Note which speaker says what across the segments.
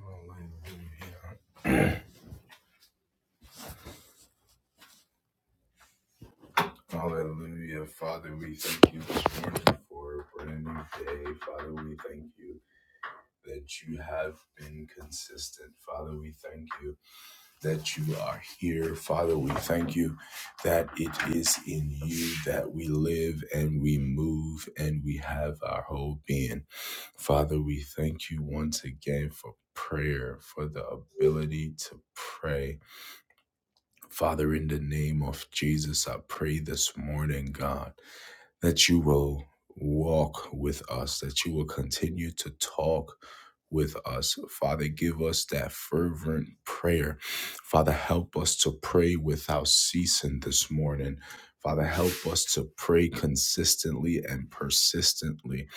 Speaker 1: Hallelujah. Hallelujah. Father, we thank you this morning for a brand new day. Father, we thank you that you have been consistent. Father, we thank you that you are here. Father, we thank you that it is in you that we live and we move and we have our whole being. Father, we thank you once again for prayer, for the ability to pray. Father, in the name of Jesus, I pray this morning, God that you will walk with us, that you will continue to talk with us. Father, give us that fervent prayer. Father, help us to pray without ceasing this morning. Father, help us to pray consistently and persistently.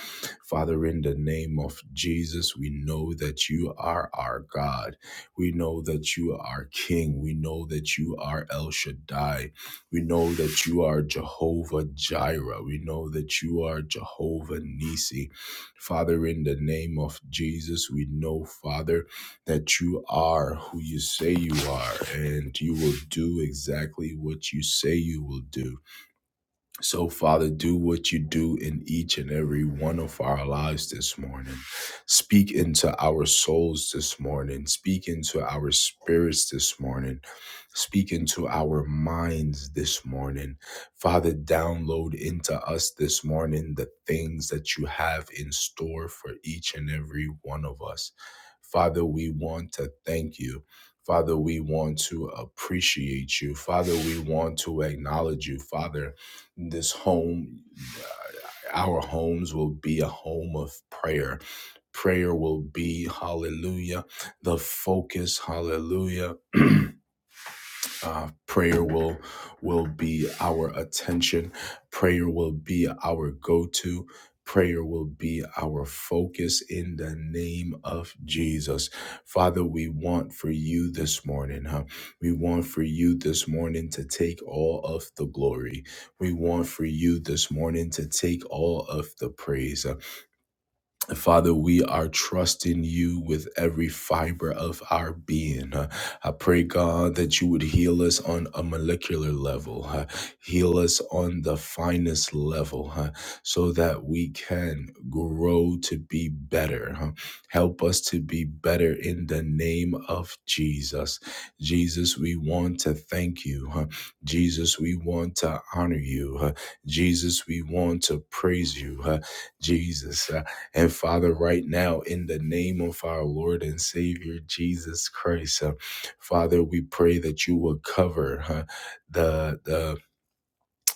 Speaker 1: Father, in the name of Jesus, we know that you are our God. We know that you are King. We know that you are El Shaddai. We know that you are Jehovah Jireh. We know that you are Jehovah Nisi. Father, in the name of Jesus, we know, Father, that you are who you say you are, and you will do exactly what you say you will do. So, Father, do what you do in each and every one of our lives this morning. Speak into our souls this morning. Speak into our spirits this morning. Speak into our minds this morning. Father, download into us this morning the things that you have in store for each and every one of us. Father, we want to thank you. Father, we want to appreciate you. Father, we want to acknowledge you. Father, this home our homes will be a home of prayer prayer will be hallelujah the focus hallelujah uh, prayer will will be our attention. Prayer will be our go-to. Prayer will be our focus in the name of Jesus. Father, we want for you this morning, huh? We want for you this morning to take all of the glory. We want for you this morning to take all of the praise. huh? Father, we are trusting you with every fiber of our being. Uh, I pray, God, that you would heal us on a molecular level, uh, heal us on the finest level, uh, so that we can grow to be better. huh? Help us to be better in the name of Jesus. Jesus, we want to thank you. huh? Jesus, we want to honor you. huh? Jesus, we want to praise you. huh? Jesus. uh, and Father, right now, in the name of our Lord and Savior Jesus Christ, uh, Father, we pray that you will cover uh, the, the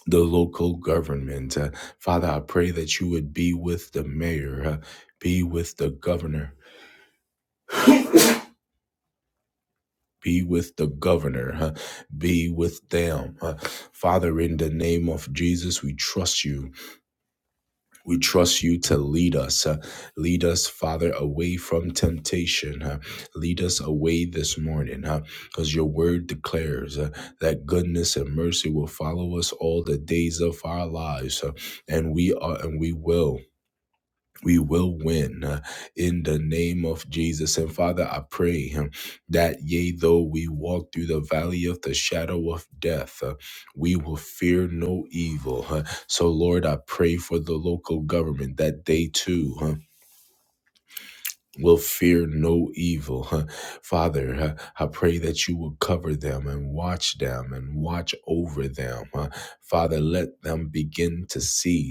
Speaker 1: the local government. Uh, Father, I pray that you would be with the mayor, uh, be with the governor. Be with the governor, uh, be with them. uh. Father, in the name of Jesus, we trust you. We trust you to lead us. uh, lead us, Father, away from temptation. uh, lead us away this morning, because your word declares uh, that goodness and mercy will follow us all the days of our lives, uh, and we are, and we will we will win uh, in the name of Jesus. And Father, I pray um, that yea, though we walk through the valley of the shadow of death, uh, we will fear no evil. huh. so, Lord, I pray for the local government that they too. huh, Will fear no evil. huh. Father, huh, I pray that you will cover them and watch them and watch over them. huh. Father, let them begin to see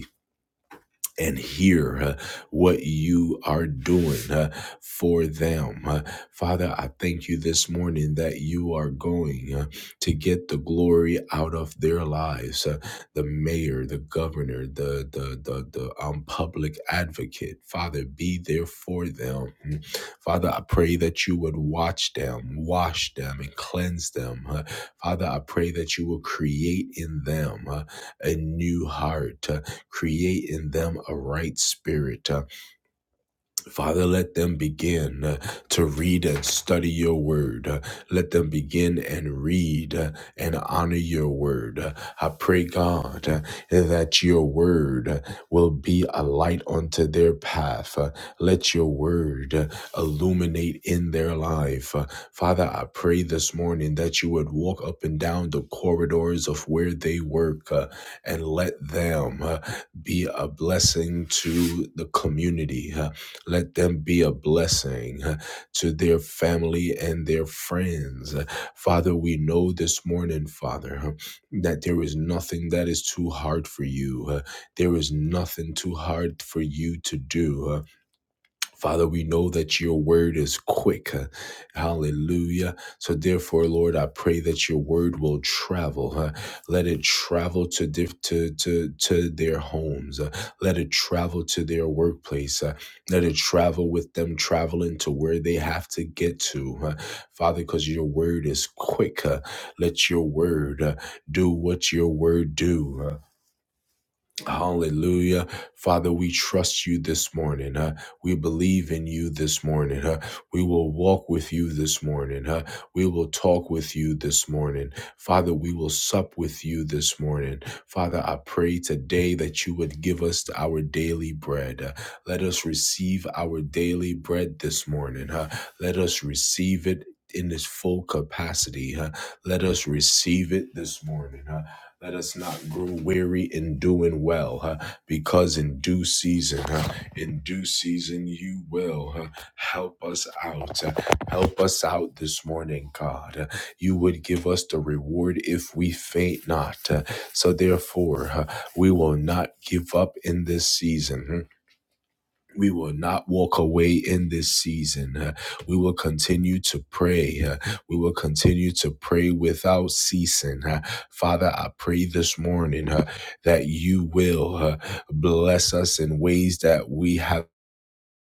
Speaker 1: and hear uh, what you are doing uh, for them. Uh, Father, I thank you this morning that you are going uh, to get the glory out of their lives. Uh, the mayor, the governor, the the the, the um, public advocate, Father, be there for them. Mm. Father, I pray that you would watch them, wash them, and cleanse them. Uh, Father, I pray that you will create in them uh, a new heart. uh, create in them a right spirit. Uh, Father, let them begin uh, to read and study your word. Uh, Let them begin and read uh, and honor your word. Uh, I pray, God, uh, that your word uh, will be a light unto their path. Uh, Let your word uh, illuminate in their life. Uh, Father, I pray this morning that you would walk up and down the corridors of where they work uh, and let them uh, be a blessing to the community. Uh, let them be a blessing uh, to their family and their friends. Uh, Father, we know this morning, Father, uh, that there is nothing that is too hard for you. Uh, There is nothing too hard for you to do. Uh, Father, we know that your word is quick. huh? Hallelujah. So, therefore, Lord, I pray that your word will travel. huh? Let it travel to, diff- to, to, to their homes. uh, Let it travel to their workplace. uh, Let it travel with them, traveling to where they have to get to. huh? Father, because your word is quick. huh? Let your word uh, do what your word do. huh? Hallelujah. Father, we trust you this morning. Huh? We believe in you this morning. Huh? We will walk with you this morning. Huh? We will talk with you this morning. Father, we will sup with you this morning. Father, I pray today that you would give us our daily bread. Uh, let us receive our daily bread this morning. Huh? Let us receive it. In its full capacity, huh? let us receive it this morning. huh? Let us not grow weary in doing well, huh? because in due season, huh? in due season, you will huh? help us out. huh? Help us out this morning, God. Uh, You would give us the reward if we faint not. uh, So, therefore, huh, we will not give up in this season. hmm? We will not walk away in this season. Uh, We will continue to pray. Uh, We will continue to pray without ceasing. Uh, Father, I pray this morning uh, that you will uh, bless us in ways that we have.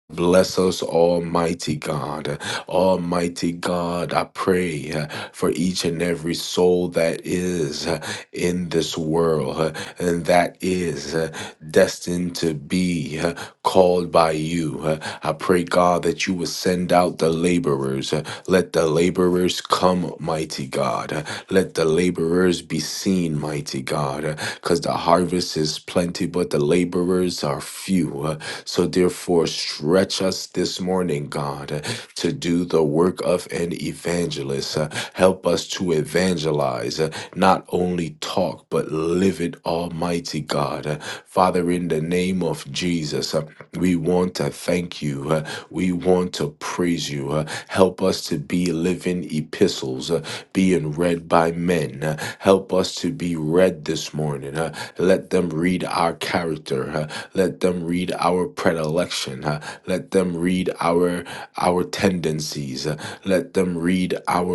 Speaker 1: Bless us, Almighty God. Almighty God, I pray uh, for each and every soul that is uh, in this world uh, and that is uh, destined to be uh, called by you. Uh, I pray, God, that you will send out the laborers. Uh, Let the laborers come, mighty God. Uh, Let the laborers be seen, mighty God, because the harvest is plenty, but the laborers are few. So, therefore, stretch us this morning, God, to do the work of an evangelist. Uh, Help us to evangelize, uh, not only talk, but live it, Almighty God. Uh, Father, in the name of Jesus. uh, we want to thank you. Uh, We want to praise you. Uh, Help us to be living epistles, uh, being read by men. Uh, Help us to be read this morning. Uh, Let them read our character. Uh, Let them read our predilection. uh, let them read our our tendencies. uh, let them read our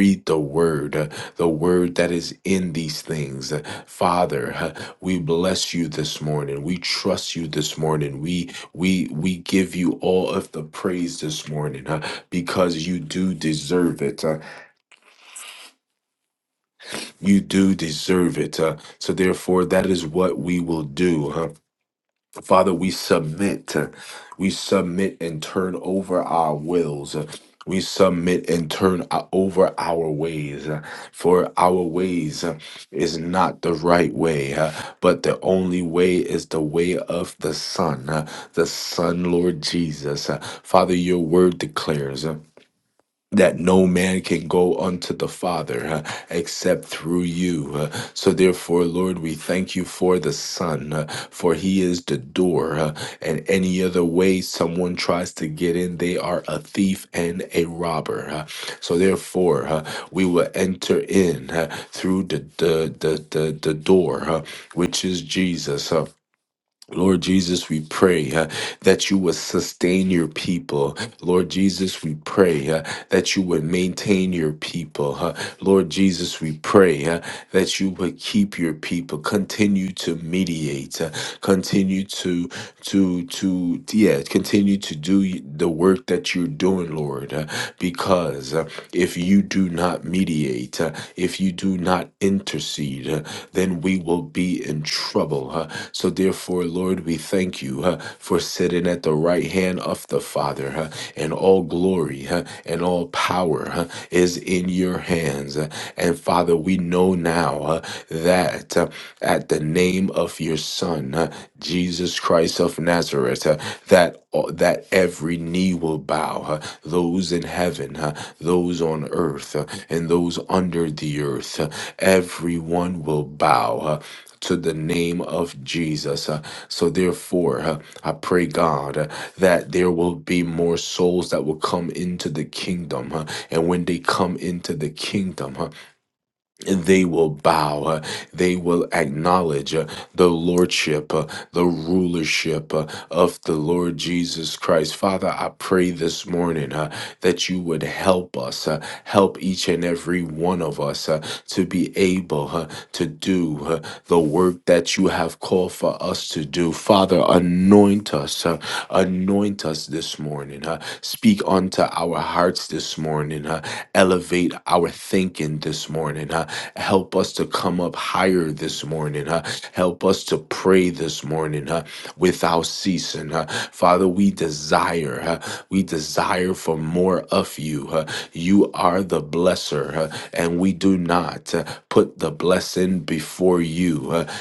Speaker 1: read the word, uh, the word that is in these things. Uh, Father, uh, we bless you this morning. We trust you this morning. We we we give you all of the praise this morning uh, because you do deserve it. uh, you do deserve it. uh, so therefore, that is what we will do. huh? Father, we submit. We submit and turn over our wills. We submit and turn o- over our ways. For our ways is not the right way, but the only way is the way of the Son, the Son, Lord Jesus. Father, your word declares that no man can go unto the Father uh, except through you. Uh, so, therefore, Lord, we thank you for the Son, uh, for he is the door. uh, and any other way someone tries to get in, they are a thief and a robber. uh, so, therefore, uh, we will enter in uh, through the, the, the, the, the door, uh, which is Jesus. uh, Lord Jesus, we pray uh, that you would sustain your people. Lord Jesus, we pray uh, that you would maintain your people. uh, Lord Jesus, we pray uh, that you would keep your people. Continue to mediate. uh, continue to to to yeah. Continue to do the work that you're doing, Lord. Lord, uh, because uh, if you do not mediate, uh, if you do not intercede, uh, then we will be in trouble. uh. So, therefore, Lord, we thank you uh, for sitting at the right hand of the Father, uh, and all glory uh, and all power uh, is in your hands. uh. And, Father, we know now uh, that uh, at the name of your Son, uh, Jesus Christ of Nazareth. uh, that uh, that every knee will bow, uh, those in heaven, uh, those on earth, uh, and those under the earth. uh, everyone will bow. uh, to the name of Jesus. Uh, so, therefore, uh, I pray, God, uh, that there will be more souls that will come into the kingdom. uh, and when they come into the kingdom, huh, they will bow, uh, they will acknowledge uh, the lordship, uh, the rulership uh, of the Lord Jesus Christ. Father, I pray this morning. uh, that you would help us, uh, help each and every one of us uh, to be able uh, to do uh, the work that you have called for us to do. Father, anoint us, uh, anoint us this morning. uh, speak unto our hearts this morning. uh, elevate our thinking this morning. uh, help us to come up higher this morning. uh, help us to pray pray this morning uh, without ceasing. uh. Father, we desire, uh, we desire for more of you. uh. you are the blesser, uh, and we do not uh, put the blessing before you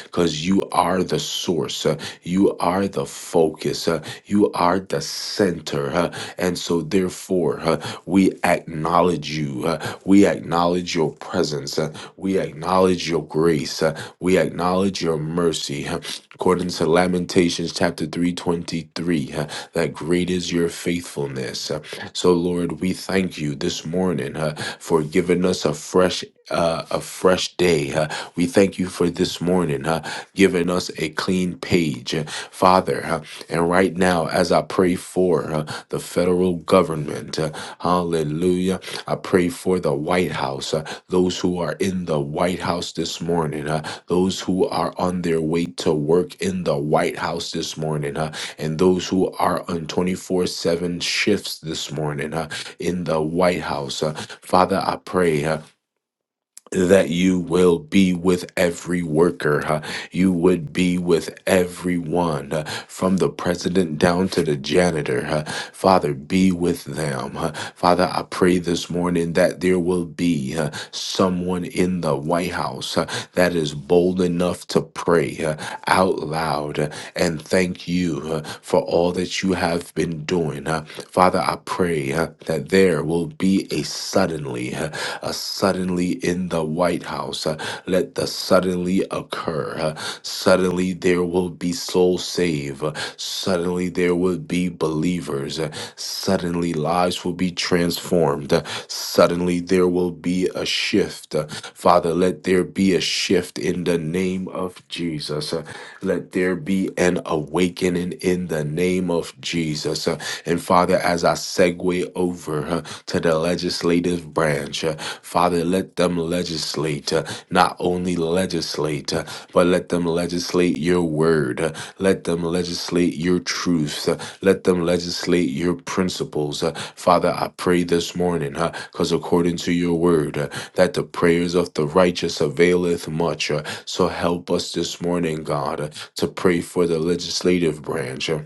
Speaker 1: because you are the source, uh, you are the focus, uh, you are the center. uh, and so, therefore, uh, we acknowledge you, Uh, uh, we acknowledge your presence. Uh, we acknowledge your grace. Uh, we acknowledge your mercy. Uh, according to Lamentations chapter 323, uh, that great is your faithfulness. Uh, so, Lord, we thank you this morning uh, for giving us a fresh uh, a fresh day. Uh, we thank you for this morning, uh, giving us a clean page, Uh, Father. Uh, and right now, as I pray for uh, the federal government, uh, hallelujah. I pray for the White House, uh, those who are in the White House this morning, uh, those who are on their way to work in the White House this morning, uh, and those who are on 24 7 shifts this morning uh, in the White House. uh, Father, I pray. uh, that you will be with every worker. huh? You would be with everyone, huh? from the president down to the janitor. huh? Father, be with them. huh? Father, I pray this morning that there will be huh, someone in the White House huh, that is bold enough to pray huh, out loud huh, and thank you huh, for all that you have been doing. huh? Father, I pray huh, that there will be a suddenly. huh, uh, suddenly in the White House. Uh, let the suddenly occur. Uh, suddenly there will be souls saved. Uh, suddenly there will be believers. Uh, suddenly lives will be transformed. Uh, suddenly there will be a shift shift. Uh, Father, let there be a shift in the name of Jesus. Uh, Let there be an awakening in the name of Jesus. Uh, And Father, as I segue over uh, to the legislative branch, uh, Father, let them legislate, uh, not only legislate, uh, but let them legislate your word. Uh, Let them legislate your truths. Uh, Let them legislate your principles. Uh, Father, I pray this morning, because according to your word. uh, that the prayers of the righteous availeth much. Uh, So help us this morning, God, uh, to pray for the legislative branch. uh,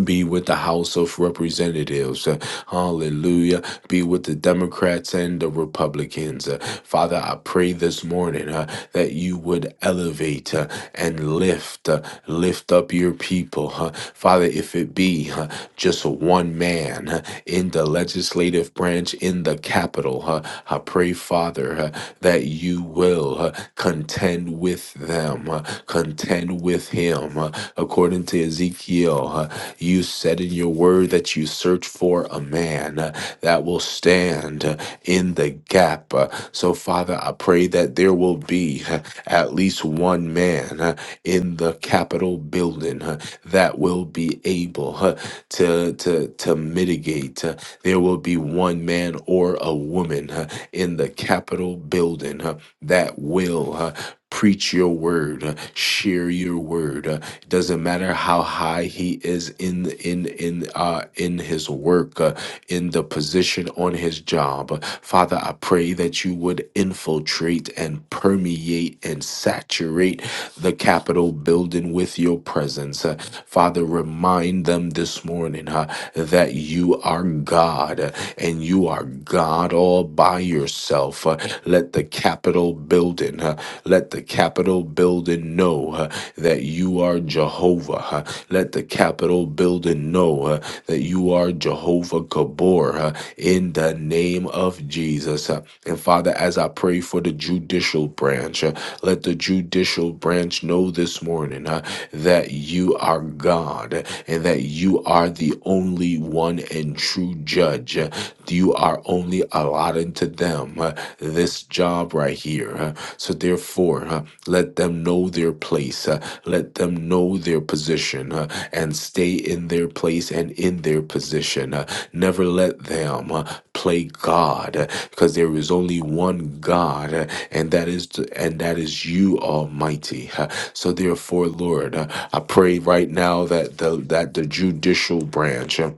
Speaker 1: be with the House of Representatives. Uh, Hallelujah. Be with the Democrats and the Republicans. Uh, Father, I pray this morning uh, that you would elevate uh, and lift, uh, lift up your people. huh. Father, if it be uh, just one man uh, in the legislative branch in the Capitol, uh, I pray, Father, uh, that you will uh, contend with them, uh, contend with him. uh, according to Ezekiel. uh, you said in your word that you search for a man uh, that will stand uh, in the gap. Uh, So, Father, I pray that there will be uh, at least one man uh, in the Capitol building uh, that will be able uh, to, to, to mitigate. uh, There will be one man or a woman uh, in the Capitol building uh, that will. uh, Preach your word, uh, share your word. Uh, It doesn't matter how high he is in in in uh, in his work, uh, in the position on his job. Uh, Father, I pray that you would infiltrate and permeate and saturate the Capitol building with your presence. Uh, Father, remind them this morning. huh, that you are God and you are God all by yourself. Uh, Let the Capitol building, uh, let the Capitol building know uh, that you are Jehovah. Uh, Let the Capitol building know uh, that you are Jehovah Gabor uh, in the name of Jesus. Uh, And and Father, as I pray for the judicial branch, uh, let the judicial branch know this morning uh, that you are God uh, and that you are the only one and true judge. Uh, You are only allotted to them uh, this job right here. uh, So therefore, uh, let them know their place place. Uh, let them know their position uh, and stay in their place and in their position. Uh, never let them uh, play God because there is only one God uh, and that is t- and that is you almighty Uh, so therefore lord uh, i pray right now that the that the judicial branch uh,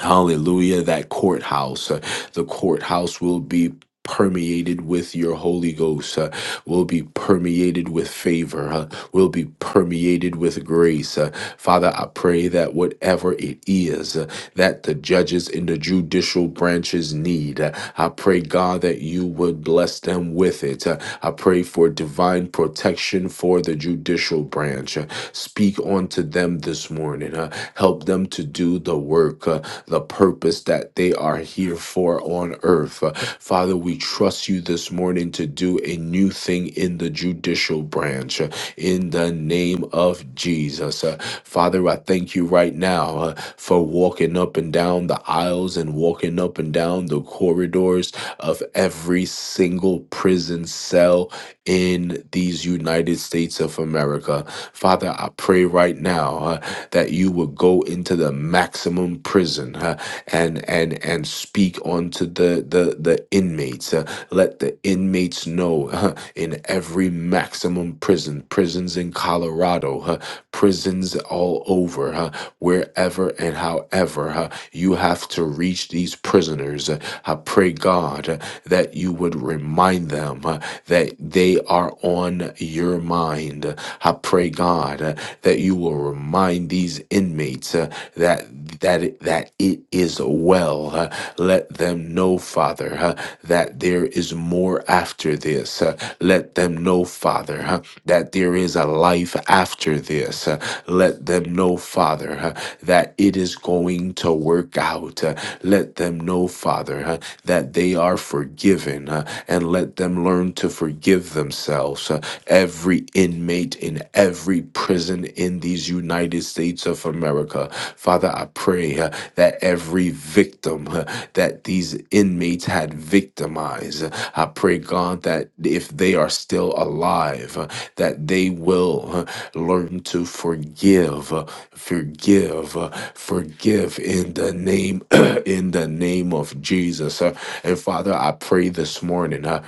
Speaker 1: Hallelujah. That courthouse, uh, the courthouse will be permeated with your Holy Ghost, uh, will be permeated with favor, uh, will be permeated with grace. Uh, Father, I pray that whatever it is uh, that the judges in the judicial branches need, uh, I pray, God, that you would bless them with it. Uh, I pray for divine protection for the judicial branch. Uh, speak unto them this morning. Uh, uh, help them to do the work, uh, the purpose that they are here for on earth. Uh, Father, we trust you this morning to do a new thing in the judicial branch uh, in the name of Jesus. Uh, Father, I thank you right now uh, for walking up and down the aisles and walking up and down the corridors of every single prison cell in these United States of America. Father, I pray right now uh, that you would go into the maximum prison uh, and and and speak onto the the the inmates. uh, let the inmates know uh, in every maximum prison, prisons in Colorado, uh, prisons all over, uh, wherever and however uh, you have to reach these prisoners. Uh, I pray God uh, that you would remind them them, uh, that they are on your mind. I pray, God, uh, that you will remind these inmates uh, that that it, that it is well. Uh, let them know, Father, uh, that there is more after this. Uh, let them know, Father, uh, that there is a life after this. Uh, let them know, Father, uh, that it is going to work out. Uh, let them know, Father, uh, that they are forgiven forgiven uh, and let them learn to forgive themselves. uh, every inmate in every prison in these United States of America. Father, I pray uh, that every victim uh, that these inmates had victimized, uh, I pray, God, that if they are still alive, uh, that they will uh, learn to forgive, uh, forgive, uh, forgive in the name in the name of Jesus. Uh, and Father, I pray this morning uh,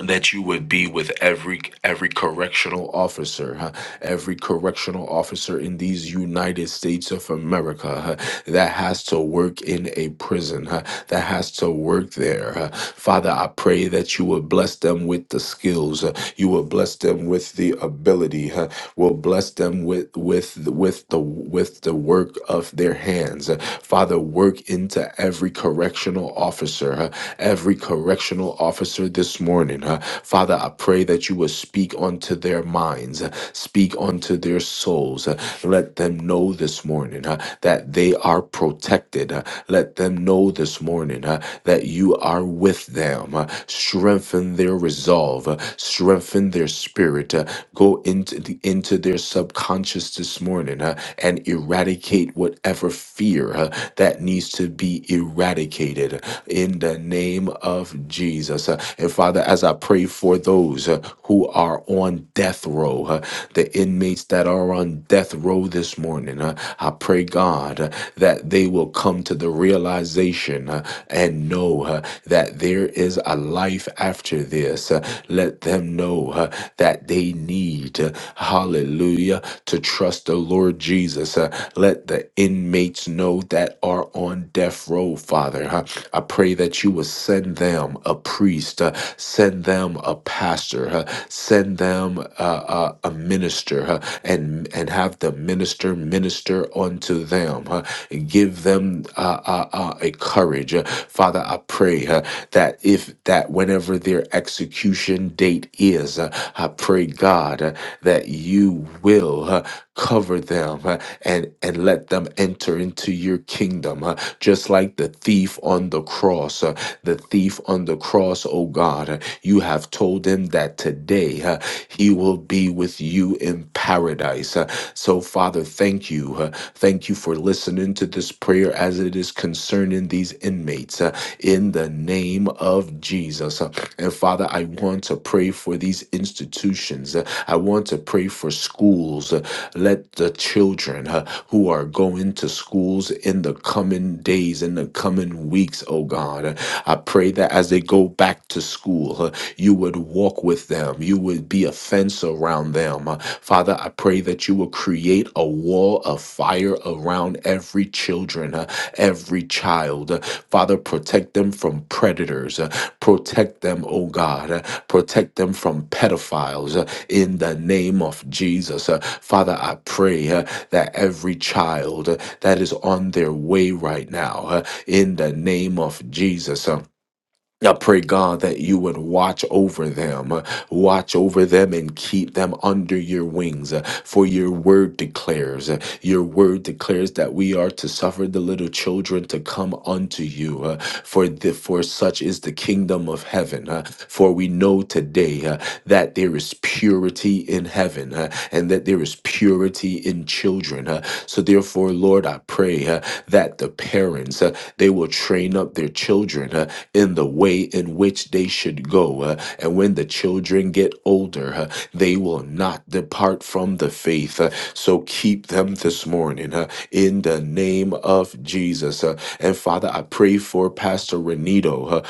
Speaker 1: that you would be with every every correctional officer, huh, every correctional officer in these United States of America huh, that has to work in a prison, huh, that has to work there. huh. Father, I pray that you would bless them with the skills, uh, you would bless them with the ability. huh, will bless them with with with the with the work of their hands. Uh, Father, work into every correctional officer, uh, every correctional officer this morning. uh, Father, I pray that you will speak onto their minds, uh, speak onto their souls. uh, Let them know this morning uh, that they are protected. uh, Let them know this morning uh, that you are with them. uh, Strengthen their resolve, uh, strengthen their spirit, uh, go into the, into their subconscious this morning huh, and eradicate whatever fear huh, that needs to be eradicated huh, in the name of Jesus. huh. And Father, as I pray for those uh, who are on death row, uh, the inmates that are on death row this morning, uh, I pray, God, uh, that they will come to the realization uh, and know uh, that there is a life after this. Uh, let them know huh, uh, that they need. uh, Hallelujah. To trust the Lord Jesus. uh, let the inmates know that are on death row, Father. huh? I pray that you will send them a priest, uh, send them a pastor, huh? send them uh, uh, a minister, huh? and and have the minister minister unto them. huh? Give them uh, uh, uh, a courage, Uh, Father. I pray huh, that if that whenever their execution expiration date is. Uh, I pray, God, uh, that you will uh, cover them uh, and, and let them enter into your kingdom, uh, just like the thief on the cross. uh, the thief on the cross, oh God, uh, you have told him that today uh, he will be with you in paradise. Uh, so, Father, thank you. uh, thank you for listening to this prayer as it is concerning these inmates uh, in the name of Jesus. Uh, and Father, I want to pray for these institutions. Uh, I want to pray for schools. Uh, Let the children uh, who are going to schools in the coming days, in the coming weeks, oh God, uh, I pray that as they go back to school, uh, you would walk with them. You would be a fence around them. Uh, Father, I pray that you will create a wall of fire around every children, uh, every child. Uh, Father, protect them from predators. Uh, Protect them, oh God. Uh, Protect them from pedophiles uh, in the name of Jesus. Uh, Father, I pray uh, that every child uh, that is on their way right now, uh, in the name of Jesus, uh, I pray, God, that you would watch over them, uh, watch over them and keep them under your wings. uh, For your word declares your word declares that we are to suffer the little children to come unto you, uh, for the, for such is the kingdom of heaven. uh, for we know today uh, that there is purity in heaven, uh, and that there is purity in children. uh, so therefore, Lord, I pray uh, that the parents uh, they will train up their children uh, in the way in which they should go, uh, and when the children get older, uh, they will not depart from the faith faith. Uh, so keep them this morning uh, in the name of Jesus. Uh, and Father, I pray for Pastor Renito, uh,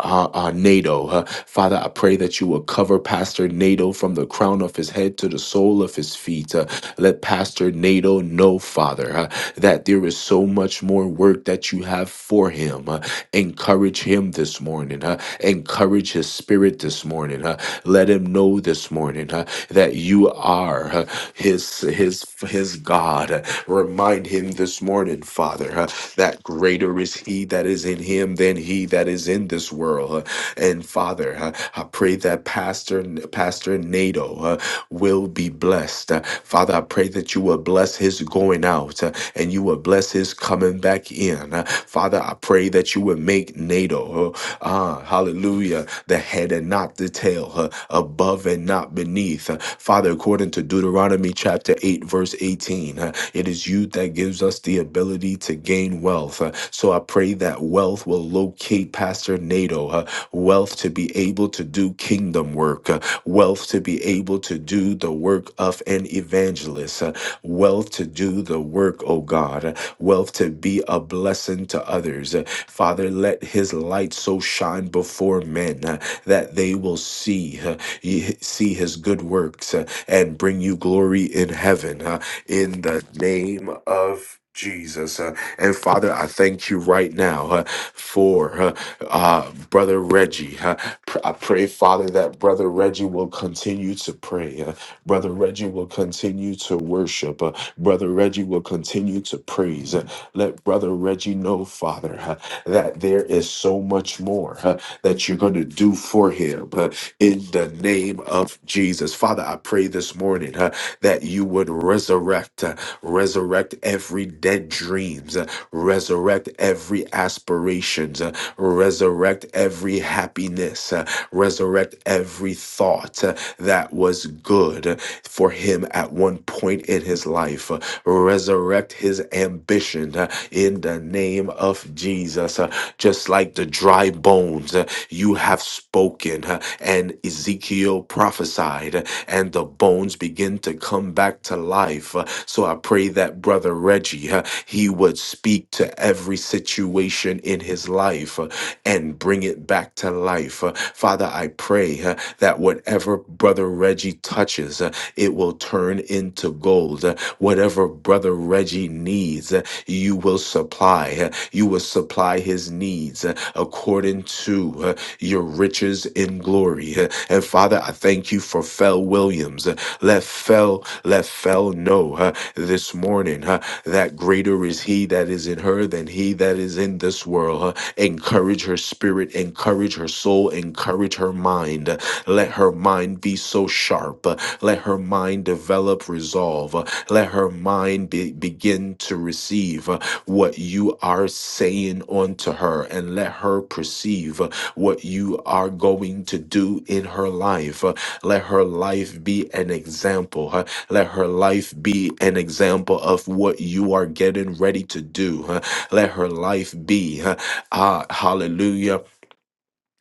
Speaker 1: uh, uh, NATO. Uh, Father, I pray that you will cover Pastor NATO from the crown of his head to the sole of his feet. Uh, let Pastor NATO know, Father, uh, that there is so much more work that you have for him. Uh, encourage him this morning. Uh, encourage his spirit this morning. Uh, let him know this morning. Uh, that you are uh, his his his God. Uh, Remind him this morning, Father, uh, that greater is he that is in him than he that is in this world. Uh, And Father, uh, I pray that Pastor Pastor Nato uh, will be blessed. Uh, Father, I pray that you will bless his going out uh, and you will bless his coming back in. Uh, Father, I pray that you will make NATO, uh, ah, hallelujah, the head and not the tail, uh, above and not beneath. Uh, Father, according to Deuteronomy chapter 8, verse 18, uh, it is you that gives us the ability to gain wealth. Uh, So I pray that wealth will locate Pastor Nato, uh, wealth to be able to do kingdom work, uh, wealth to be able to do the work of an evangelist, uh, wealth to do the work, oh God, uh, wealth to be a blessing to others. Uh, Father, let his light so shine before men. uh, that they will see uh, ye- see his good works uh, and bring you glory in heaven uh, in the name of Jesus. Uh, and Father, I thank you right now uh, for uh, uh, Brother Reggie. Uh, pr- I pray, Father, that Brother Reggie will continue to pray. Uh, Brother Reggie will continue to worship. Uh, Brother Reggie will continue to praise. Uh, let Brother Reggie know, Father, uh, that there is so much more. uh, that you're going to do for him uh, in the name of Jesus. Father, I pray this morning uh, that you would resurrect, uh, resurrect every dead dreams, uh, resurrect every aspirations, uh, resurrect every happiness, uh, resurrect every thought uh, that was good uh, for him at one point in his life. Uh, Resurrect his ambition uh, in the name of Jesus. Uh, Just like the dry bones, uh, you have spoken, uh, and Ezekiel prophesied, uh, and the bones begin to come back to to life. Uh, So I pray that Brother Reggie, uh, he would speak to every situation in his life uh, and bring it back to life. Uh, Father, I pray uh, that whatever Brother Reggie touches, uh, it will turn into gold. Uh, Whatever Brother Reggie needs, uh, you will supply. Uh, You will you will supply his needs uh, according to uh, your riches in glory. Uh, And Father, I thank you for Fel Williams. Uh, Let Fel, let Fel know uh, this morning uh, that greater is he that is in her than he that is in this world. Uh, Encourage her spirit, encourage her soul, encourage her mind. Uh, Let her mind be so sharp. Uh, Let her mind develop resolve. Uh, let her mind be, begin to receive uh, what you are saying unto her, and let her perceive uh, what you are going to do in her life. Uh, Let her life be an example. huh? Let her life be an example of what you are getting ready to do. huh? Let her life be, huh, ah, hallelujah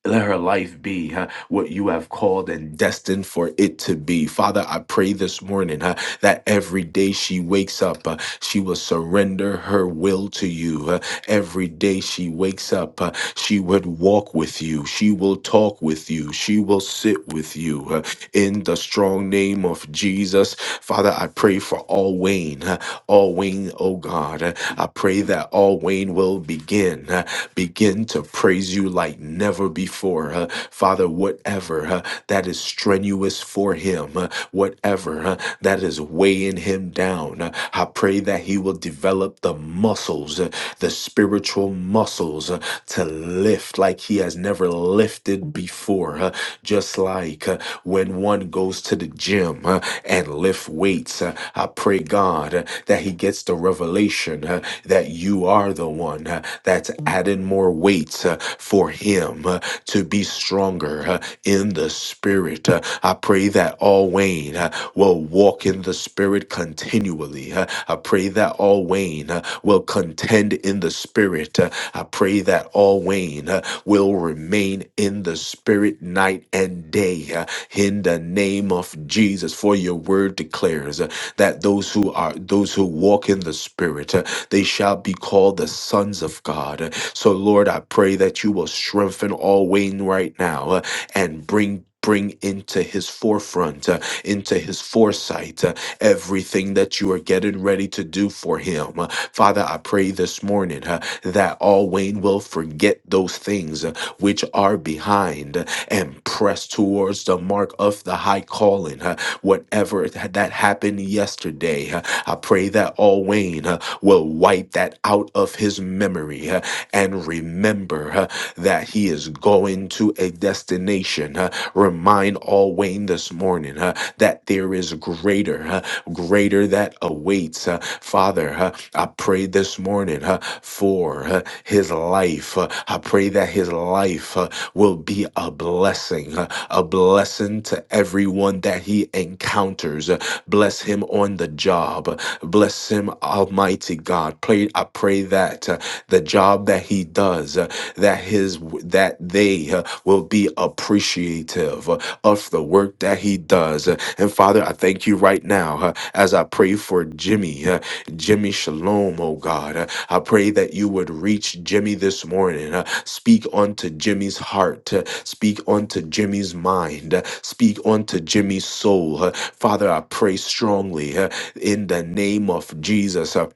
Speaker 1: let her life be huh, what you have called and destined for it to be. Father, I pray this morning huh, that every day she wakes up, uh, she will surrender her will to you. uh, every day she wakes up, uh, she would walk with you. She will talk with you. She will sit with you. uh, in the strong name of Jesus, Father, I pray for all Wayne, uh, all Wayne, oh God. huh, I pray that all Wayne will begin, uh, begin to praise you like never before. uh, Father, whatever uh, that is strenuous for him, uh, whatever uh, that is weighing him down, uh, I pray that he will develop the muscles, uh, the spiritual muscles uh, to lift like he has never lifted before. uh, just like uh, when one goes to the gym uh, and lift weights. Uh, I pray, God, uh, that he gets the revelation uh, that you are the one uh, that's adding more weights uh, for him uh, to be stronger uh, in the spirit. Uh, I pray that all Wayne uh, will walk in the spirit continually. Uh, I pray that all Wayne uh, will contend in the spirit. Uh, I pray that all Wayne uh, will remain in the spirit night and day uh, in the name of Jesus. For your word declares uh, that those who are those who walk in the spirit, uh, they shall be called the sons of God. Uh, So Lord, I pray that you will strengthen all Wayne right now uh, and bring bring into his forefront, uh, into his foresight, uh, everything that you are getting ready to do for him. Uh, Father, I pray this morning uh, that all Wayne will forget those things uh, which are behind uh, and press towards the mark of the high calling. uh, Whatever it that happened yesterday, uh, I pray that all Wayne uh, will wipe that out of his memory uh, and remember uh, that he is going to a destination. uh, Remind all Wayne this morning uh, that there is greater. huh, greater that awaits. Uh, Father, uh, I pray this morning uh, for uh, his life. Uh, I pray that his life uh, will be a blessing, uh, a blessing to everyone that he encounters. Uh, Bless him on the job. Bless him, Almighty God. Pray, I pray that uh, the job that he does, uh, that his that they uh, will be appreciative of the work that he does. And Father, I thank you right now uh, as I pray for Jimmy, uh, Jimmy Shalom, oh God. Uh, I pray that you would reach Jimmy this morning. uh, Speak unto Jimmy's heart, uh, speak unto Jimmy's mind, uh, speak unto Jimmy's soul. Uh, Father, I pray strongly uh, in the name of Jesus. uh,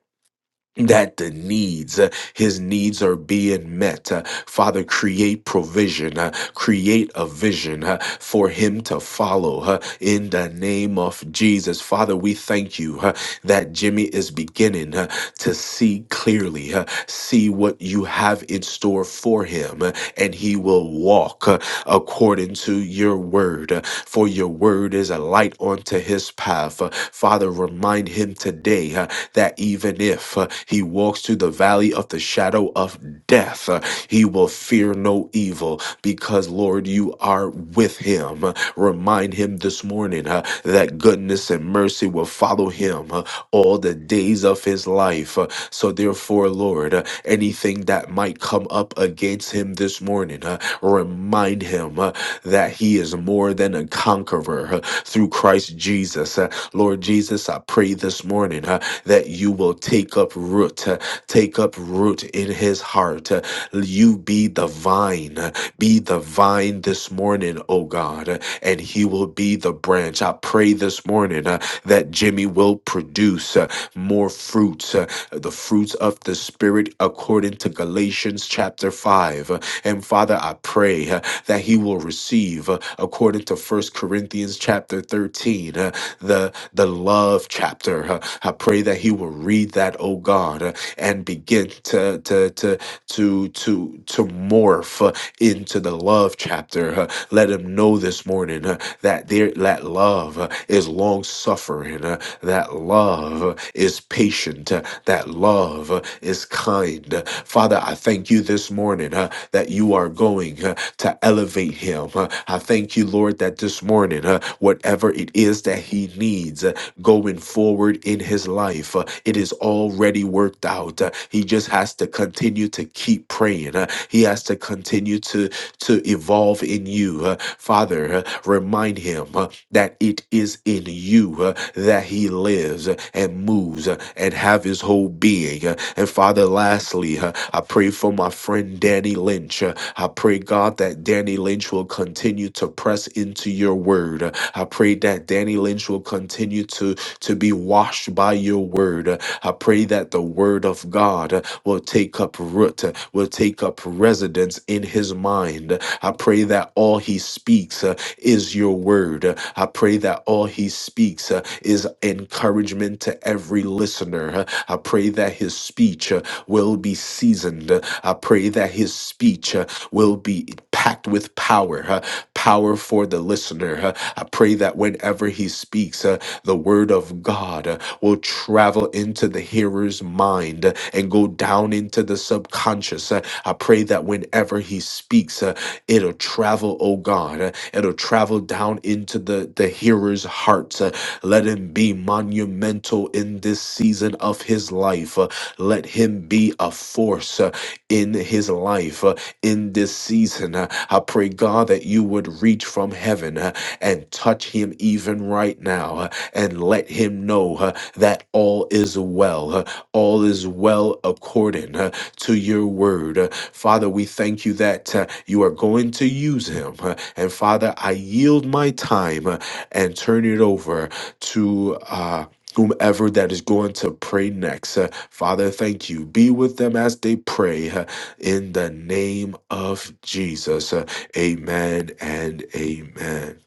Speaker 1: that the needs, uh, his needs are being met. Uh, Father, create provision, uh, create a vision uh, for him to follow uh, in the name of Jesus. Father, we thank you. uh, that Jimmy is beginning uh, to see clearly, uh, see what you have in store for him, uh, and he will walk uh, according to your word. uh, For your word is a light unto his path. Uh, Father, remind him today uh, that even if uh, he walks through the valley of the shadow of death, uh, he will fear no evil because, Lord, you are with him. Uh, Remind him this morning uh, that goodness and mercy will follow him uh, all the days of his life. Uh, so, therefore, Lord, uh, anything that might come up against him this morning, uh, remind him uh, that he is more than a conqueror uh, through Christ Jesus. Uh, Lord Jesus, I pray this morning uh, that you will take up root, uh, take up root in his heart. Uh, you be the vine, uh, be the vine vine this morning, oh God, and he will be the branch. I pray this morning uh, that Jimmy will produce uh, more fruits, uh, the fruits of the Spirit according to Galatians chapter 5. Uh, And Father, I pray uh, that he will receive, uh, according to First Corinthians chapter 13, uh, the, the love chapter. Uh, I pray that he will read that, oh God, uh, and begin to, to, to to to to morph uh, into the love chapter. uh, let him know this morning uh, that there that love uh, is long suffering, uh, that love uh, is patient, uh, that love uh, is kind. Uh, Father, I thank you this morning uh, that you are going uh, to elevate him. Uh, I thank you, Lord, that this morning, uh, whatever it is that he needs, uh, going forward in his life. Uh, It is already worked out. Uh, He just has to continue to keep praying. Uh, He has to continue to to evolve in you. Uh, Father, uh, remind him uh, that it is in you uh, that he lives uh, and moves uh, and have his whole being. Uh, And Father, lastly, uh, I pray for my friend Danny Lynch. Uh, I pray, God, that Danny Lynch will continue to press into your word. Uh, I pray that Danny Lynch will continue to to be washed by your word. I pray that the word of God will take up root, will take up residence in his mind. I pray that all he speaks uh, is your word. I pray that all he speaks uh, is encouragement to every listener. I pray that his speech uh, will be seasoned. I pray that his speech uh, will be packed with power, uh, power for the listener. Uh, I pray that whenever he speaks, uh, the word of God will travel into the hearer's mind and go down into the subconscious. I pray that whenever he speaks, uh, it'll travel, oh God, uh, it'll travel down into the, the hearer's heart. Uh, Let him be monumental in this season of his life. Uh, Let him be a force uh, in his life uh, in this season. Uh, I pray, God, that you would reach from heaven uh, and touch him even right now and let him know uh, that all is well. uh, all is well according uh, to your word. Uh, Father, we thank you that uh, you are going to use him. uh, and Father, I yield my time uh, and turn it over to. Uh, Whomever that is going to pray next. Uh, Father, thank you. Be with them as they pray uh, in the name of Jesus. Uh, amen and amen.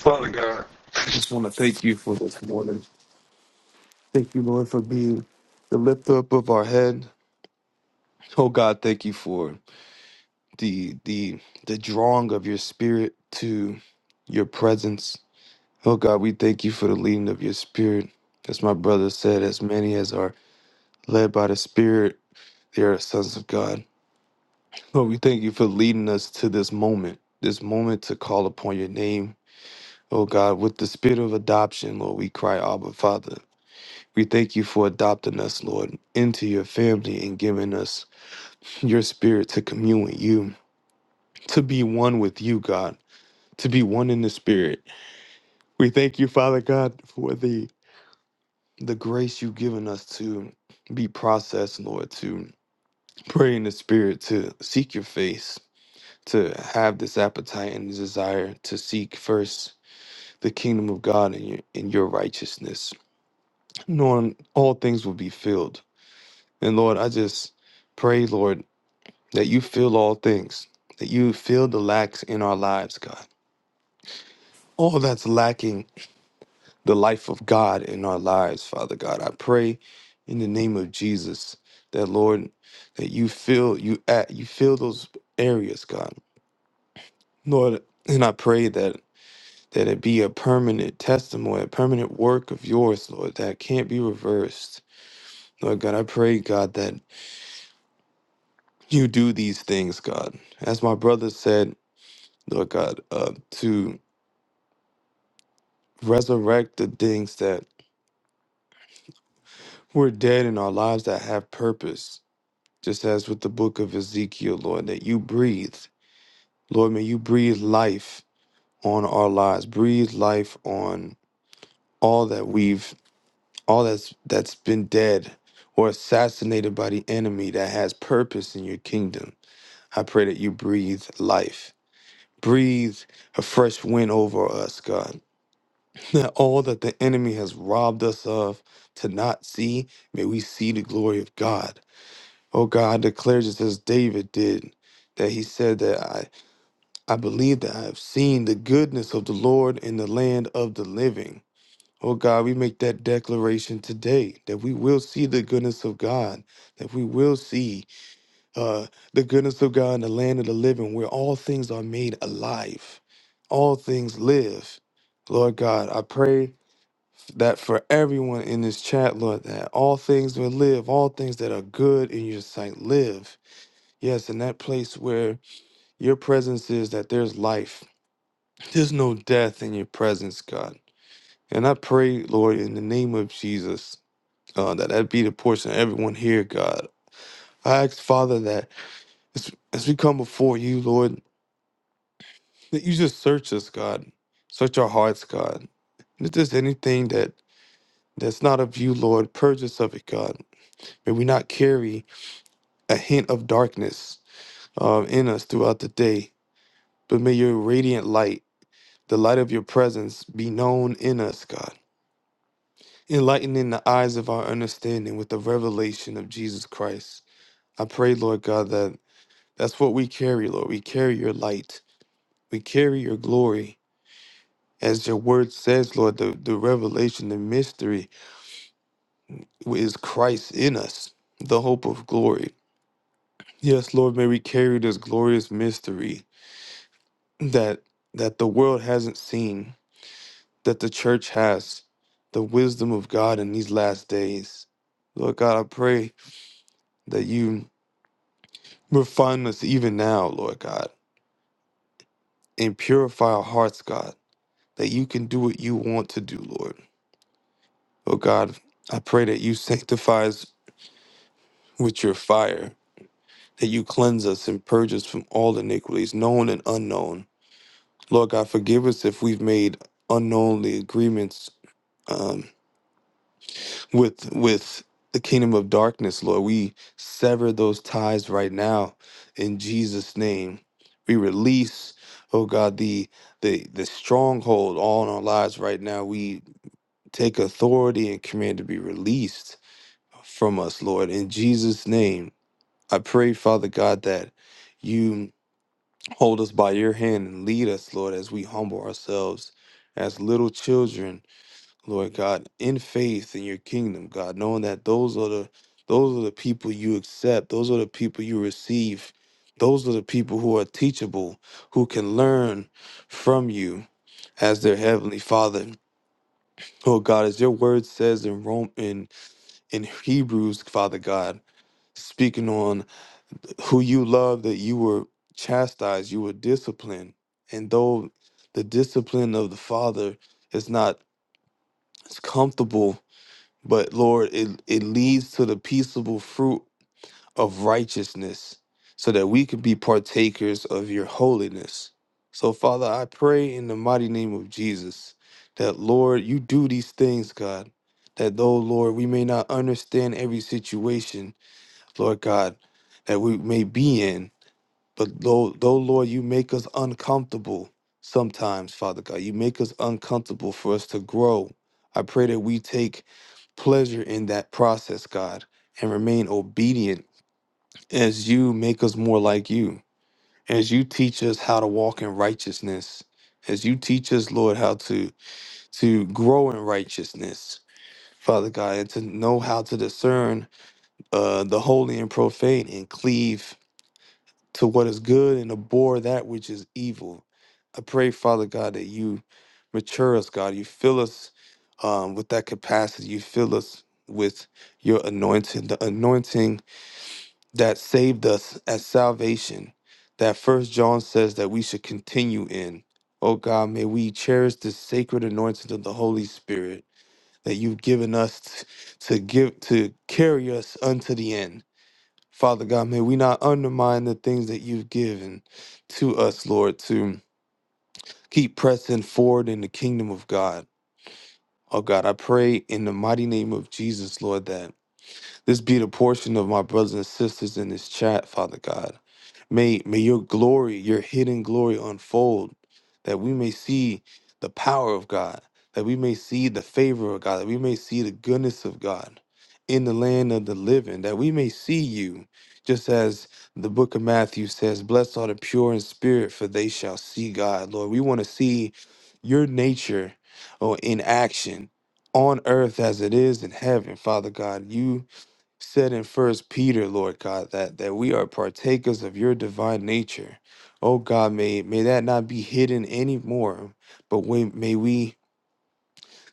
Speaker 2: Father God, I just want to thank you for this morning. Thank you, Lord, for being the lift up of our head. Oh God, thank you for the the the drawing of your spirit to your presence. Oh God, we thank you for the leading of your spirit. As my brother said, as many as are led by the Spirit, they are sons of God. Lord, we thank you for leading us to this moment, this moment to call upon your name. Oh God, with the spirit of adoption, Lord, we cry, Abba, Father. We thank you for adopting us, Lord, into your family and giving us your spirit to commune with you, to be one with you, God, to be one in the spirit. We thank you, Father God, for the the grace you've given us to be processed, Lord, to pray in the spirit, to seek your face, to have this appetite and desire to seek first the kingdom of God and your, and your righteousness, knowing all things will be filled. And Lord, I just pray, Lord, that you fill all things, that you fill the lacks in our lives, God. All that's lacking the life of God in our lives, Father God. I pray in the name of Jesus that Lord, that you fill you at you fill those areas, God. Lord, and I pray that that it be a permanent testimony, a permanent work of yours, Lord, that can't be reversed. Lord God, I pray, God, that you do these things, God. As my brother said, Lord God, uh, to resurrect the things that were dead in our lives that have purpose, just as with the book of Ezekiel, Lord, that you breathe. Lord, may you breathe life on our lives, breathe life on all that we've, all that's that's been dead or assassinated by the enemy that has purpose in your kingdom. I pray that you breathe life. Breathe a fresh wind over us, God. that all that the enemy has robbed us of to not see, may we see the glory of God. Oh God, I declare just as David did, that he said that I, I believe that I have seen the goodness of the Lord in the land of the living. Oh God, we make that declaration today that we will see the goodness of God, that we will see uh, the goodness of God in the land of the living, where all things are made alive, all things live. Lord God, I pray that for everyone in this chat, Lord, that all things will live, all things that are good in your sight live. Yes, in that place where your presence is, that there's life. There's no death in your presence, God. And I pray, Lord, in the name of Jesus, uh, that that be the portion of everyone here, God. I ask, Father, that as, as we come before you, Lord, that you just search us, God. Search our hearts, God. If there's anything that that's not of you, Lord, purge us of it, God. May we not carry a hint of darkness um, in us throughout the day. But may your radiant light, the light of your presence, be known in us, God, enlightening the eyes of our understanding with the revelation of Jesus Christ. I pray, Lord God, that that's what we carry, Lord. We carry your light, we carry your glory. As your word says, Lord, the, the revelation, the mystery is Christ in us, the hope of glory. Yes, Lord, may we carry this glorious mystery that that the world hasn't seen that the church has the wisdom of God in these last days. Lord God, I pray that you refine us even now, Lord God, and purify our hearts, God, that you can do what you want to do, Lord. Oh God, I pray that you sanctify us with your fire, that you cleanse us and purge us from all iniquities, known and unknown. Lord God, forgive us if we've made unknowingly agreements um, with with the kingdom of darkness, Lord. We sever those ties right now in Jesus' name. We release, oh God, the the the stronghold on our lives right now. We take authority and command to be released from us, Lord. In Jesus' name. I pray, Father God, that you hold us by your hand and lead us, Lord, as we humble ourselves as little children Lord God, in faith in your kingdom, God, knowing that those are the those are the people you accept, those are the people you receive, those are the people who are teachable, who can learn from you as their heavenly Father. Oh God, as your word says in Rome in in Hebrews, Father God, speaking on who you love, that you were chastised, you were disciplined, and though the discipline of the Father is not as comfortable but Lord, it, it leads to the peaceable fruit of righteousness so that we could be partakers of your holiness. So, Father, I pray in the mighty name of Jesus that, Lord, you do these things, God, that though, Lord, we may not understand every situation, Lord God, that we may be in. But though, though, Lord, you make us uncomfortable sometimes, Father God. You make us uncomfortable for us to grow. I pray that we take pleasure in that process, God, and remain obedient as you make us more like you, as you teach us how to walk in righteousness, as you teach us, Lord, how to to grow in righteousness, Father God, and to know how to discern uh, the holy and profane and cleave to what is good and abhor that which is evil. I pray, Father God, that you mature us, God. You fill us um, with that capacity. You fill us with your anointing, the anointing that saved us at salvation, that First John says that we should continue in. Oh God, may we cherish this sacred anointing of the Holy Spirit that you've given us t- to give to carry us unto the end. Father God, may we not undermine the things that you've given to us, Lord, to keep pressing forward in the kingdom of God. Oh God, I pray in the mighty name of Jesus, Lord, that this be the portion of my brothers and sisters in this chat, Father God. May may your glory, your hidden glory unfold, that we may see the power of God, that we may see the favor of God, that we may see the goodness of God in the land of the living, that we may see you, just as the book of Matthew says, Blessed are the pure in spirit, for they shall see God. Lord, we want to see your nature or in action on earth as it is in heaven, Father God. You said in first peter lord god that that we are partakers of your divine nature oh god may may that not be hidden anymore but we, may we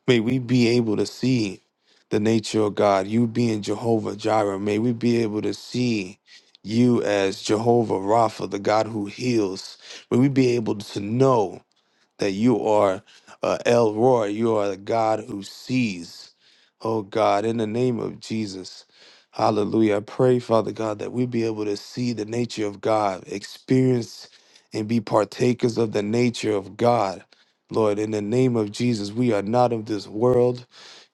Speaker 2: may we be able to see the nature of god you being jehovah jireh may we be able to see you as jehovah rapha the god who heals may we be able to know that you are uh, El Roy. You are the God who sees. Oh God, in the name of Jesus. Hallelujah. I pray, Father God, that we be able to see the nature of God, experience and be partakers of the nature of God. Lord, in the name of Jesus, we are not of this world.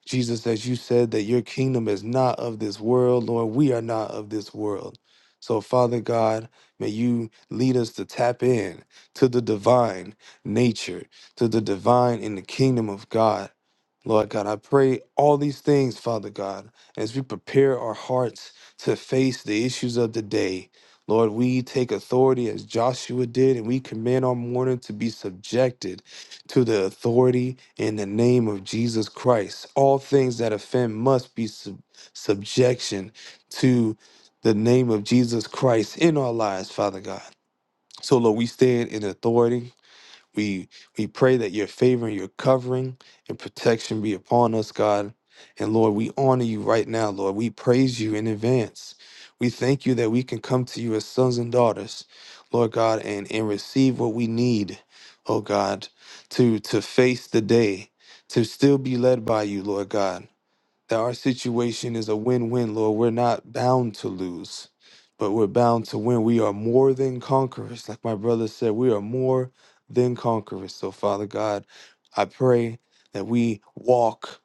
Speaker 2: Jesus, as you said, that your kingdom is not of this world. Lord, we are not of this world. So, Father God, may you lead us to tap in to the divine nature, to the divine in the kingdom of God. Lord God, I pray all these things, Father God, as we prepare our hearts to face the issues of the day. Lord, we take authority as Joshua did, and we command our morning to be subjected to the authority in the name of Jesus Christ. All things that offend must be sub- subjection to the name of Jesus Christ in our lives, Father God. So, Lord, we stand in authority we we pray that your favor and your covering and protection be upon us, God. And Lord, we honor you right now, Lord. We praise you in advance. We thank you that we can come to you as sons and daughters, Lord God, and, and receive what we need, oh God, to to face the day, to still be led by you, Lord God that our situation is a win-win, Lord. We're not bound to lose, but we're bound to win. We are more than conquerors. Like my brother said, we are more than conquerors. So, Father God, I pray that we walk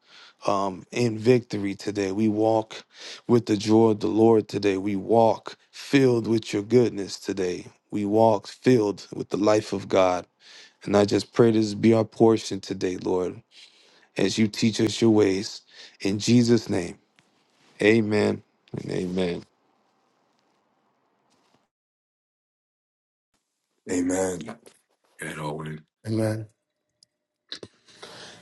Speaker 2: um, in victory today. We walk with the joy of the Lord today. We walk filled with your goodness today. We walk filled with the life of God. And I just pray this be our portion today, Lord, as you teach us your ways. In Jesus' name. Amen and amen.
Speaker 1: Amen. And Owen.
Speaker 3: Amen.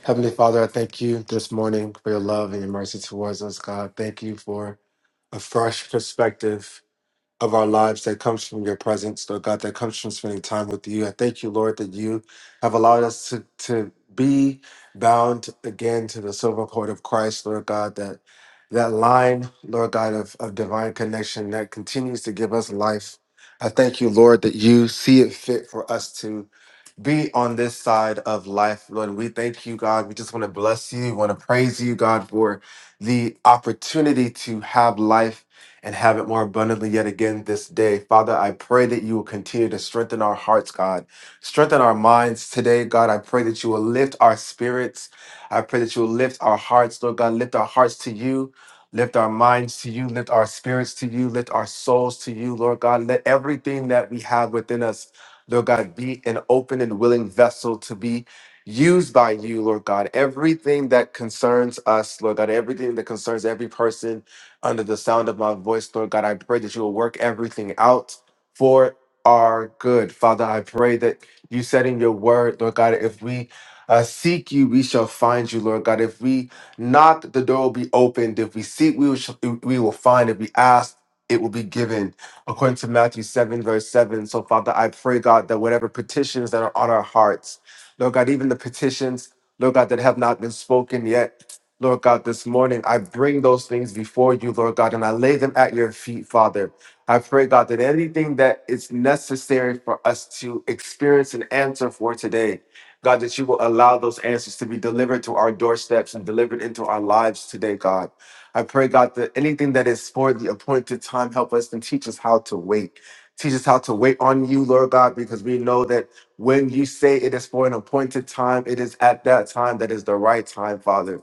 Speaker 3: Heavenly Father, I thank you this morning for your love and your mercy towards us, God. Thank you for a fresh perspective of our lives that comes from your presence, Lord God, that comes from spending time with you. I thank you, Lord, that you have allowed us to, to be bound again to the silver cord of Christ, Lord God, that that line, Lord God, of, of divine connection that continues to give us life. I thank you, Lord, that you see it fit for us to be on this side of life, Lord. We thank you, God. We just want to bless you. We want to praise you, God, for the opportunity to have life and have it more abundantly yet again this day. Father, I pray that you will continue to strengthen our hearts, God. Strengthen our minds today, God. I pray that you will lift our spirits. I pray that you will lift our hearts, Lord God. Lift our hearts to you. Lift our minds to you, lift our spirits to you, lift our souls to you, Lord God. Let everything that we have within us Lord God, be an open and willing vessel to be used by you, Lord God. Everything that concerns us, Lord God, everything that concerns every person under the sound of my voice, Lord God, I pray that you will work everything out for our good. Father, I pray that you said in your word, Lord God, if we uh, seek you, we shall find you, Lord God. If we knock, the door will be opened. If we seek, we will, sh- we will find. If we ask, it will be given according to Matthew 7, verse 7. So, Father, I pray, God, that whatever petitions that are on our hearts, Lord God, even the petitions, Lord God, that have not been spoken yet, Lord God, this morning, I bring those things before you, Lord God, and I lay them at your feet, Father. I pray, God, that anything that is necessary for us to experience an answer for today, God, that you will allow those answers to be delivered to our doorsteps and delivered into our lives today, God. I pray, God, that anything that is for the appointed time, help us and teach us how to wait. Teach us how to wait on you, Lord God, because we know that when you say it is for an appointed time, it is at that time that is the right time, Father.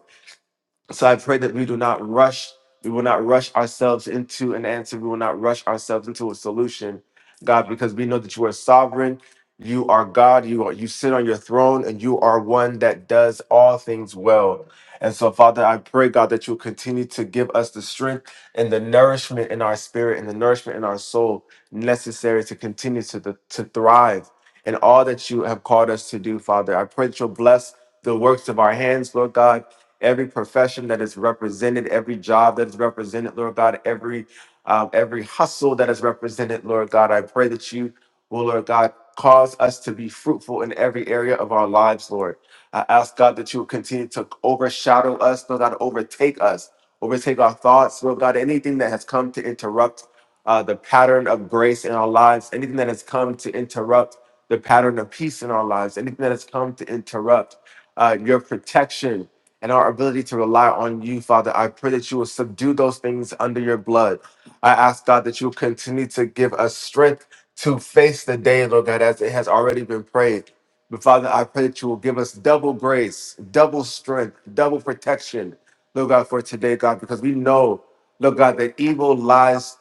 Speaker 3: So I pray that we do not rush, we will not rush ourselves into an answer. We will not rush ourselves into a solution, God, because we know that you are sovereign. You are God. You are, you sit on your throne, and you are one that does all things well. And so, Father, I pray, God, that you continue to give us the strength and the nourishment in our spirit and the nourishment in our soul necessary to continue to, to thrive and all that you have called us to do, Father. I pray that you'll bless the works of our hands, Lord God. Every profession that is represented, every job that is represented, Lord God, every um, every hustle that is represented, Lord God. I pray that you will, Lord God, cause us to be fruitful in every area of our lives, Lord. I ask God that you will continue to overshadow us, Lord God, overtake us, overtake our thoughts, Lord God, anything that has come to interrupt uh, the pattern of grace in our lives, anything that has come to interrupt the pattern of peace in our lives, anything that has come to interrupt uh, your protection and our ability to rely on you, Father. I pray that you will subdue those things under your blood. I ask, God, that you will continue to give us strength to face the day, Lord God, as it has already been prayed. But Father, I pray that you will give us double grace, double strength, double protection, Lord God, for today, God, because we know, Lord God, that evil lies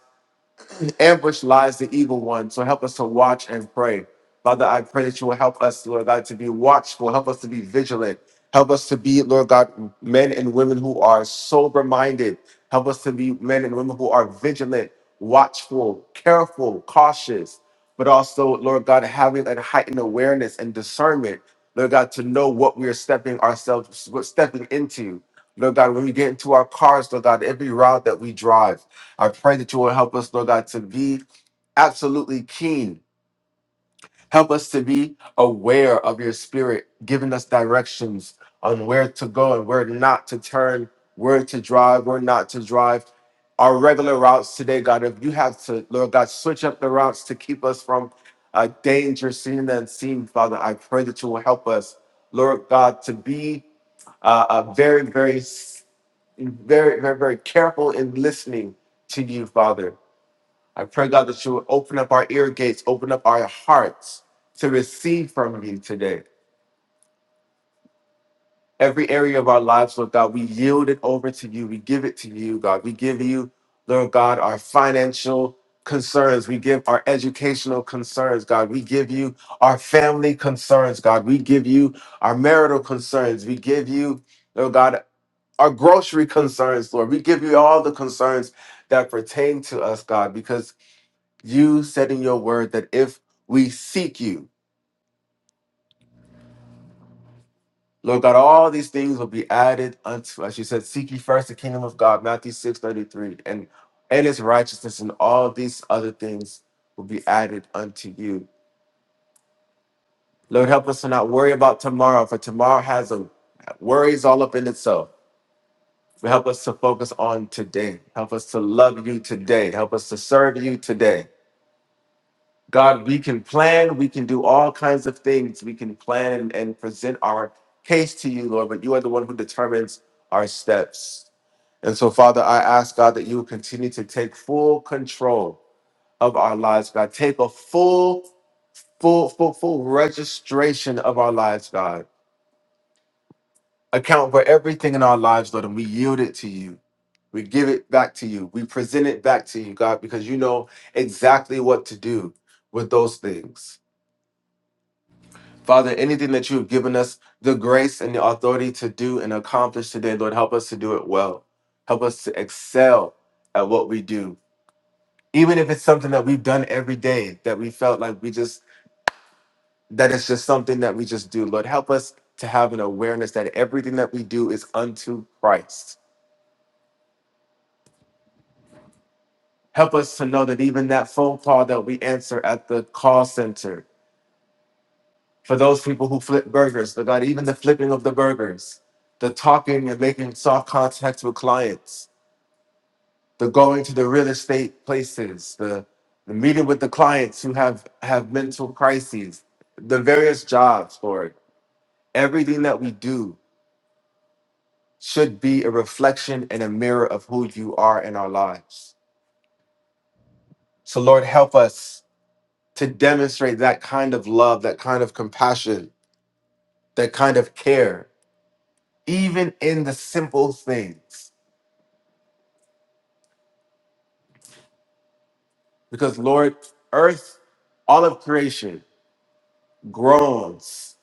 Speaker 3: in ambush lies the evil one. So help us to watch and pray. Father, I pray that you will help us, Lord God, to be watchful. Help us to be vigilant. Help us to be, Lord God, men and women who are sober minded. Help us to be men and women who are vigilant, watchful, careful, cautious, but also, Lord God, having a heightened awareness and discernment, Lord God, to know what we are stepping ourselves, what stepping into. Lord God, when we get into our cars, Lord God, every route that we drive, I pray that you will help us, Lord God, to be absolutely keen. Help us to be aware of your spirit, giving us directions on where to go and where not to turn, where to drive, where not to drive. Our regular routes today, God, if you have to, Lord God, switch up the routes to keep us from uh, danger seen and unseen, Father, I pray that you will help us, Lord God, to be uh, uh, very, very very, very, very careful in listening to you, Father. I pray, God, that you would open up our ear gates, open up our hearts to receive from you today. Every area of our lives, Lord God, we yield it over to you. We give it to you, God. We give you, Lord God, our financial concerns. We give our educational concerns, God. We give you our family concerns, God. We give you our marital concerns. We give you, Lord God. our grocery concerns, Lord. We give you all the concerns that pertain to us, God, because you said in your word that if we seek you, Lord God, all these things will be added unto us. You said, Seek ye first the kingdom of God, Matthew six thirty three, and and his righteousness, and all these other things will be added unto you. Lord, help us to not worry about tomorrow, for tomorrow has a worries all up in itself. But help us to focus on today. Help us to love you today. Help us to serve you today. God, we can plan, we can do all kinds of things. We can plan and, and present our case to you, Lord, but you are the one who determines our steps. And so, Father, I ask God that you will continue to take full control of our lives, God. Take a full, full, full, full registration of our lives, God. Account for everything in our lives, Lord, and we yield it to you. We give it back to you. We present it back to you, God, because you know exactly what to do with those things. Father, anything that you have given us the grace and the authority to do and accomplish today, Lord, help us to do it well. Help us to excel at what we do. Even if it's something that we've done every day that we felt like we just, that it's just something that we just do. Lord, help us to have an awareness that everything that we do is unto Christ. Help us to know that even that phone call that we answer at the call center, for those people who flip burgers, Lord God, even the flipping of the burgers, the talking and making soft contacts with clients, the going to the real estate places, the, the meeting with the clients who have, have mental crises, the various jobs, Lord, everything that we do should be a reflection and a mirror of who you are in our lives. So, Lord, help us to demonstrate that kind of love, that kind of compassion, that kind of care, even in the simple things Because, Lord, earth, all of creation groans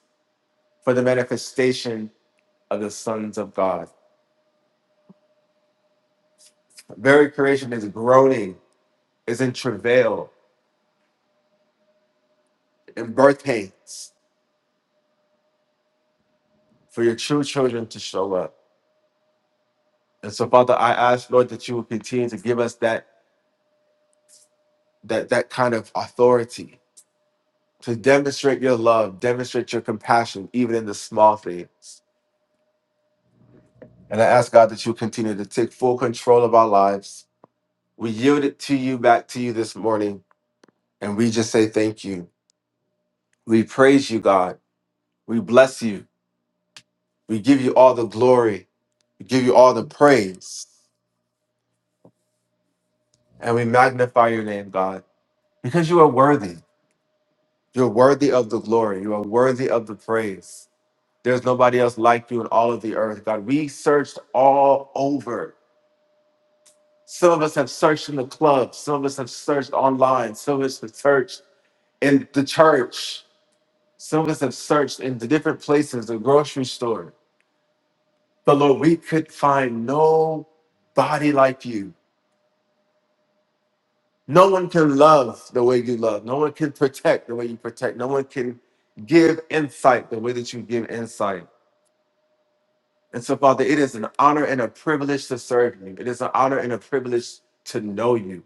Speaker 3: for the manifestation of the sons of God. Very creation is groaning, is in travail, in birth pains for your true children to show up. And so, Father, I ask, Lord, that you will continue to give us that, that, that kind of authority to demonstrate your love, demonstrate your compassion, even in the small things. And I ask, God, that you continue to take full control of our lives. We yield it to you, back to you this morning And we just say thank you. We praise you, God. We bless you. We give you all the glory. We give you all the praise. And we magnify your name, God, because you are worthy. You're worthy of the glory. You are worthy of the praise. There's nobody else like you in all of the earth, God. We searched all over. Some of us have searched in the club. Some of us have searched online. Some of us have searched in the church. Some of us have searched in the different places, the grocery store But Lord, we could find no body like you. No one can love the way you love. No one can protect the way you protect. No one can give insight the way that you give insight. And so, Father, it is an honor and a privilege to serve you. It is an honor and a privilege to know you.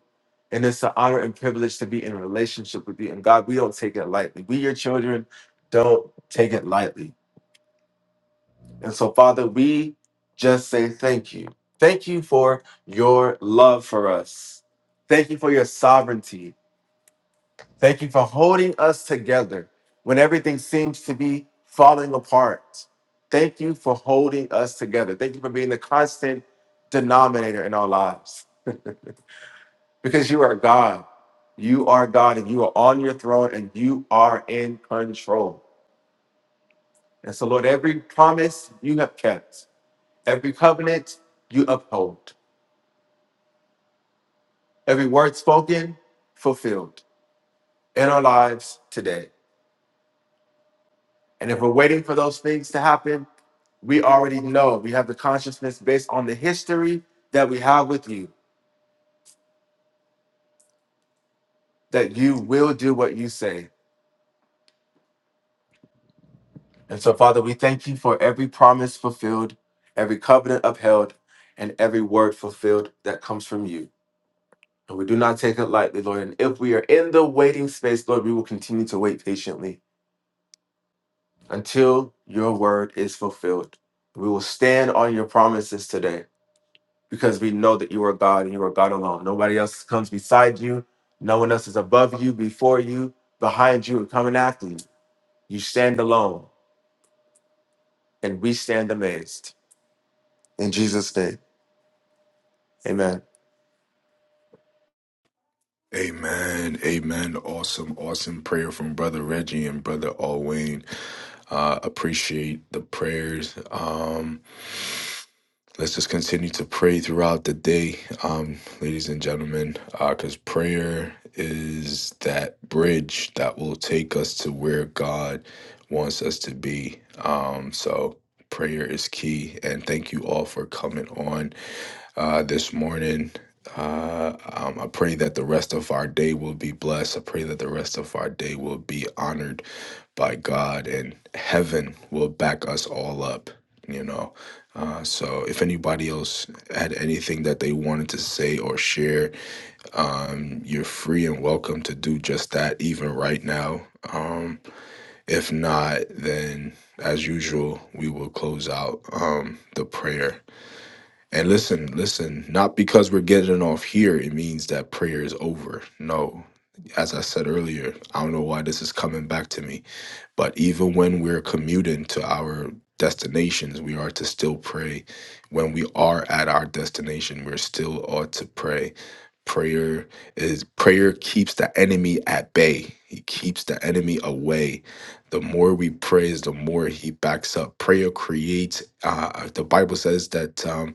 Speaker 3: And it's an honor and privilege to be in a relationship with you. And God, we don't take it lightly. We, your children, don't take it lightly. And so, Father, we just say thank you. Thank you for your love for us. Thank you for your sovereignty. Thank you for holding us together when everything seems to be falling apart. Thank you for holding us together. Thank you for being the constant denominator in our lives because you are God. You are God and you are on your throne and you are in control. And so, Lord, every promise you have kept, every covenant you uphold. every word spoken fulfilled in our lives today. And if we're waiting for those things to happen, we already know we have the consciousness based on the history that we have with you that you will do what you say. And so, Father, we thank you for every promise fulfilled, every covenant upheld, and every word fulfilled that comes from you. And we do not take it lightly, Lord. And if we are in the waiting space, Lord, we will continue to wait patiently until your word is fulfilled. We will stand on your promises today because we know that you are God and you are God alone. Nobody else comes beside you, no one else is above you, before you, behind you, and coming after you. You stand alone, and we stand amazed. In Jesus' name, amen.
Speaker 1: Amen. Amen. Awesome, awesome prayer from Brother Reggie and Brother Alwayne. Uh, appreciate the prayers. Um, let's just continue to pray throughout the day, um, ladies and gentlemen, because prayer is that bridge that will take us to where God wants us to be. Um, so prayer is key. And thank you all for coming on uh, this morning. Uh, um, I pray that the rest of our day will be blessed. I pray that the rest of our day will be honored by God and heaven will back us all up, you know. Uh, so if anybody else had anything that they wanted to say or share, um, you're free and welcome to do just that even right now. Um, if not, then as usual, we will close out um, the prayer and listen, listen, not because we're getting off here, it means that prayer is over. No. As I said earlier, I don't know why this is coming back to me, but even when we're commuting to our destinations, we are to still pray. When we are at our destination, we're still ought to pray. Prayer is prayer keeps the enemy at bay. He keeps the enemy away. The more we praise, the more he backs up. Prayer creates. Uh, the Bible says that. Um,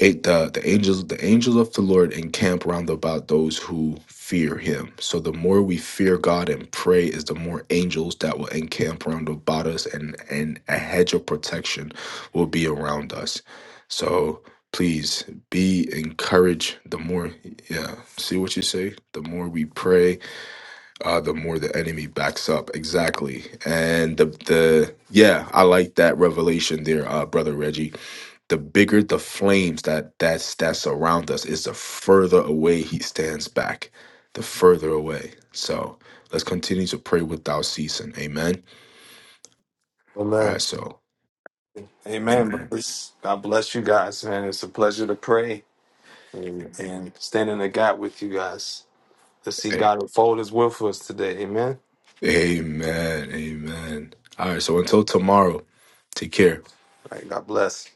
Speaker 1: a- the the angels the angels of the Lord encamp round about those who fear him. So the more we fear God and pray is the more angels that will encamp round about us and and a hedge of protection will be around us. So please be encouraged the more yeah see what you say the more we pray uh the more the enemy backs up exactly and the the yeah i like that revelation there uh brother reggie the bigger the flames that that's that surround us is the further away he stands back the further away so let's continue to pray without ceasing amen all
Speaker 3: Amen.
Speaker 1: right so
Speaker 2: Amen,
Speaker 1: amen
Speaker 2: brothers. God bless you guys, man. It's a pleasure to pray and, and stand in the gap with you guys to see
Speaker 1: amen
Speaker 2: God unfold His will for us today. Amen.
Speaker 1: amen, amen. all right so until tomorrow take care
Speaker 2: All right, God bless.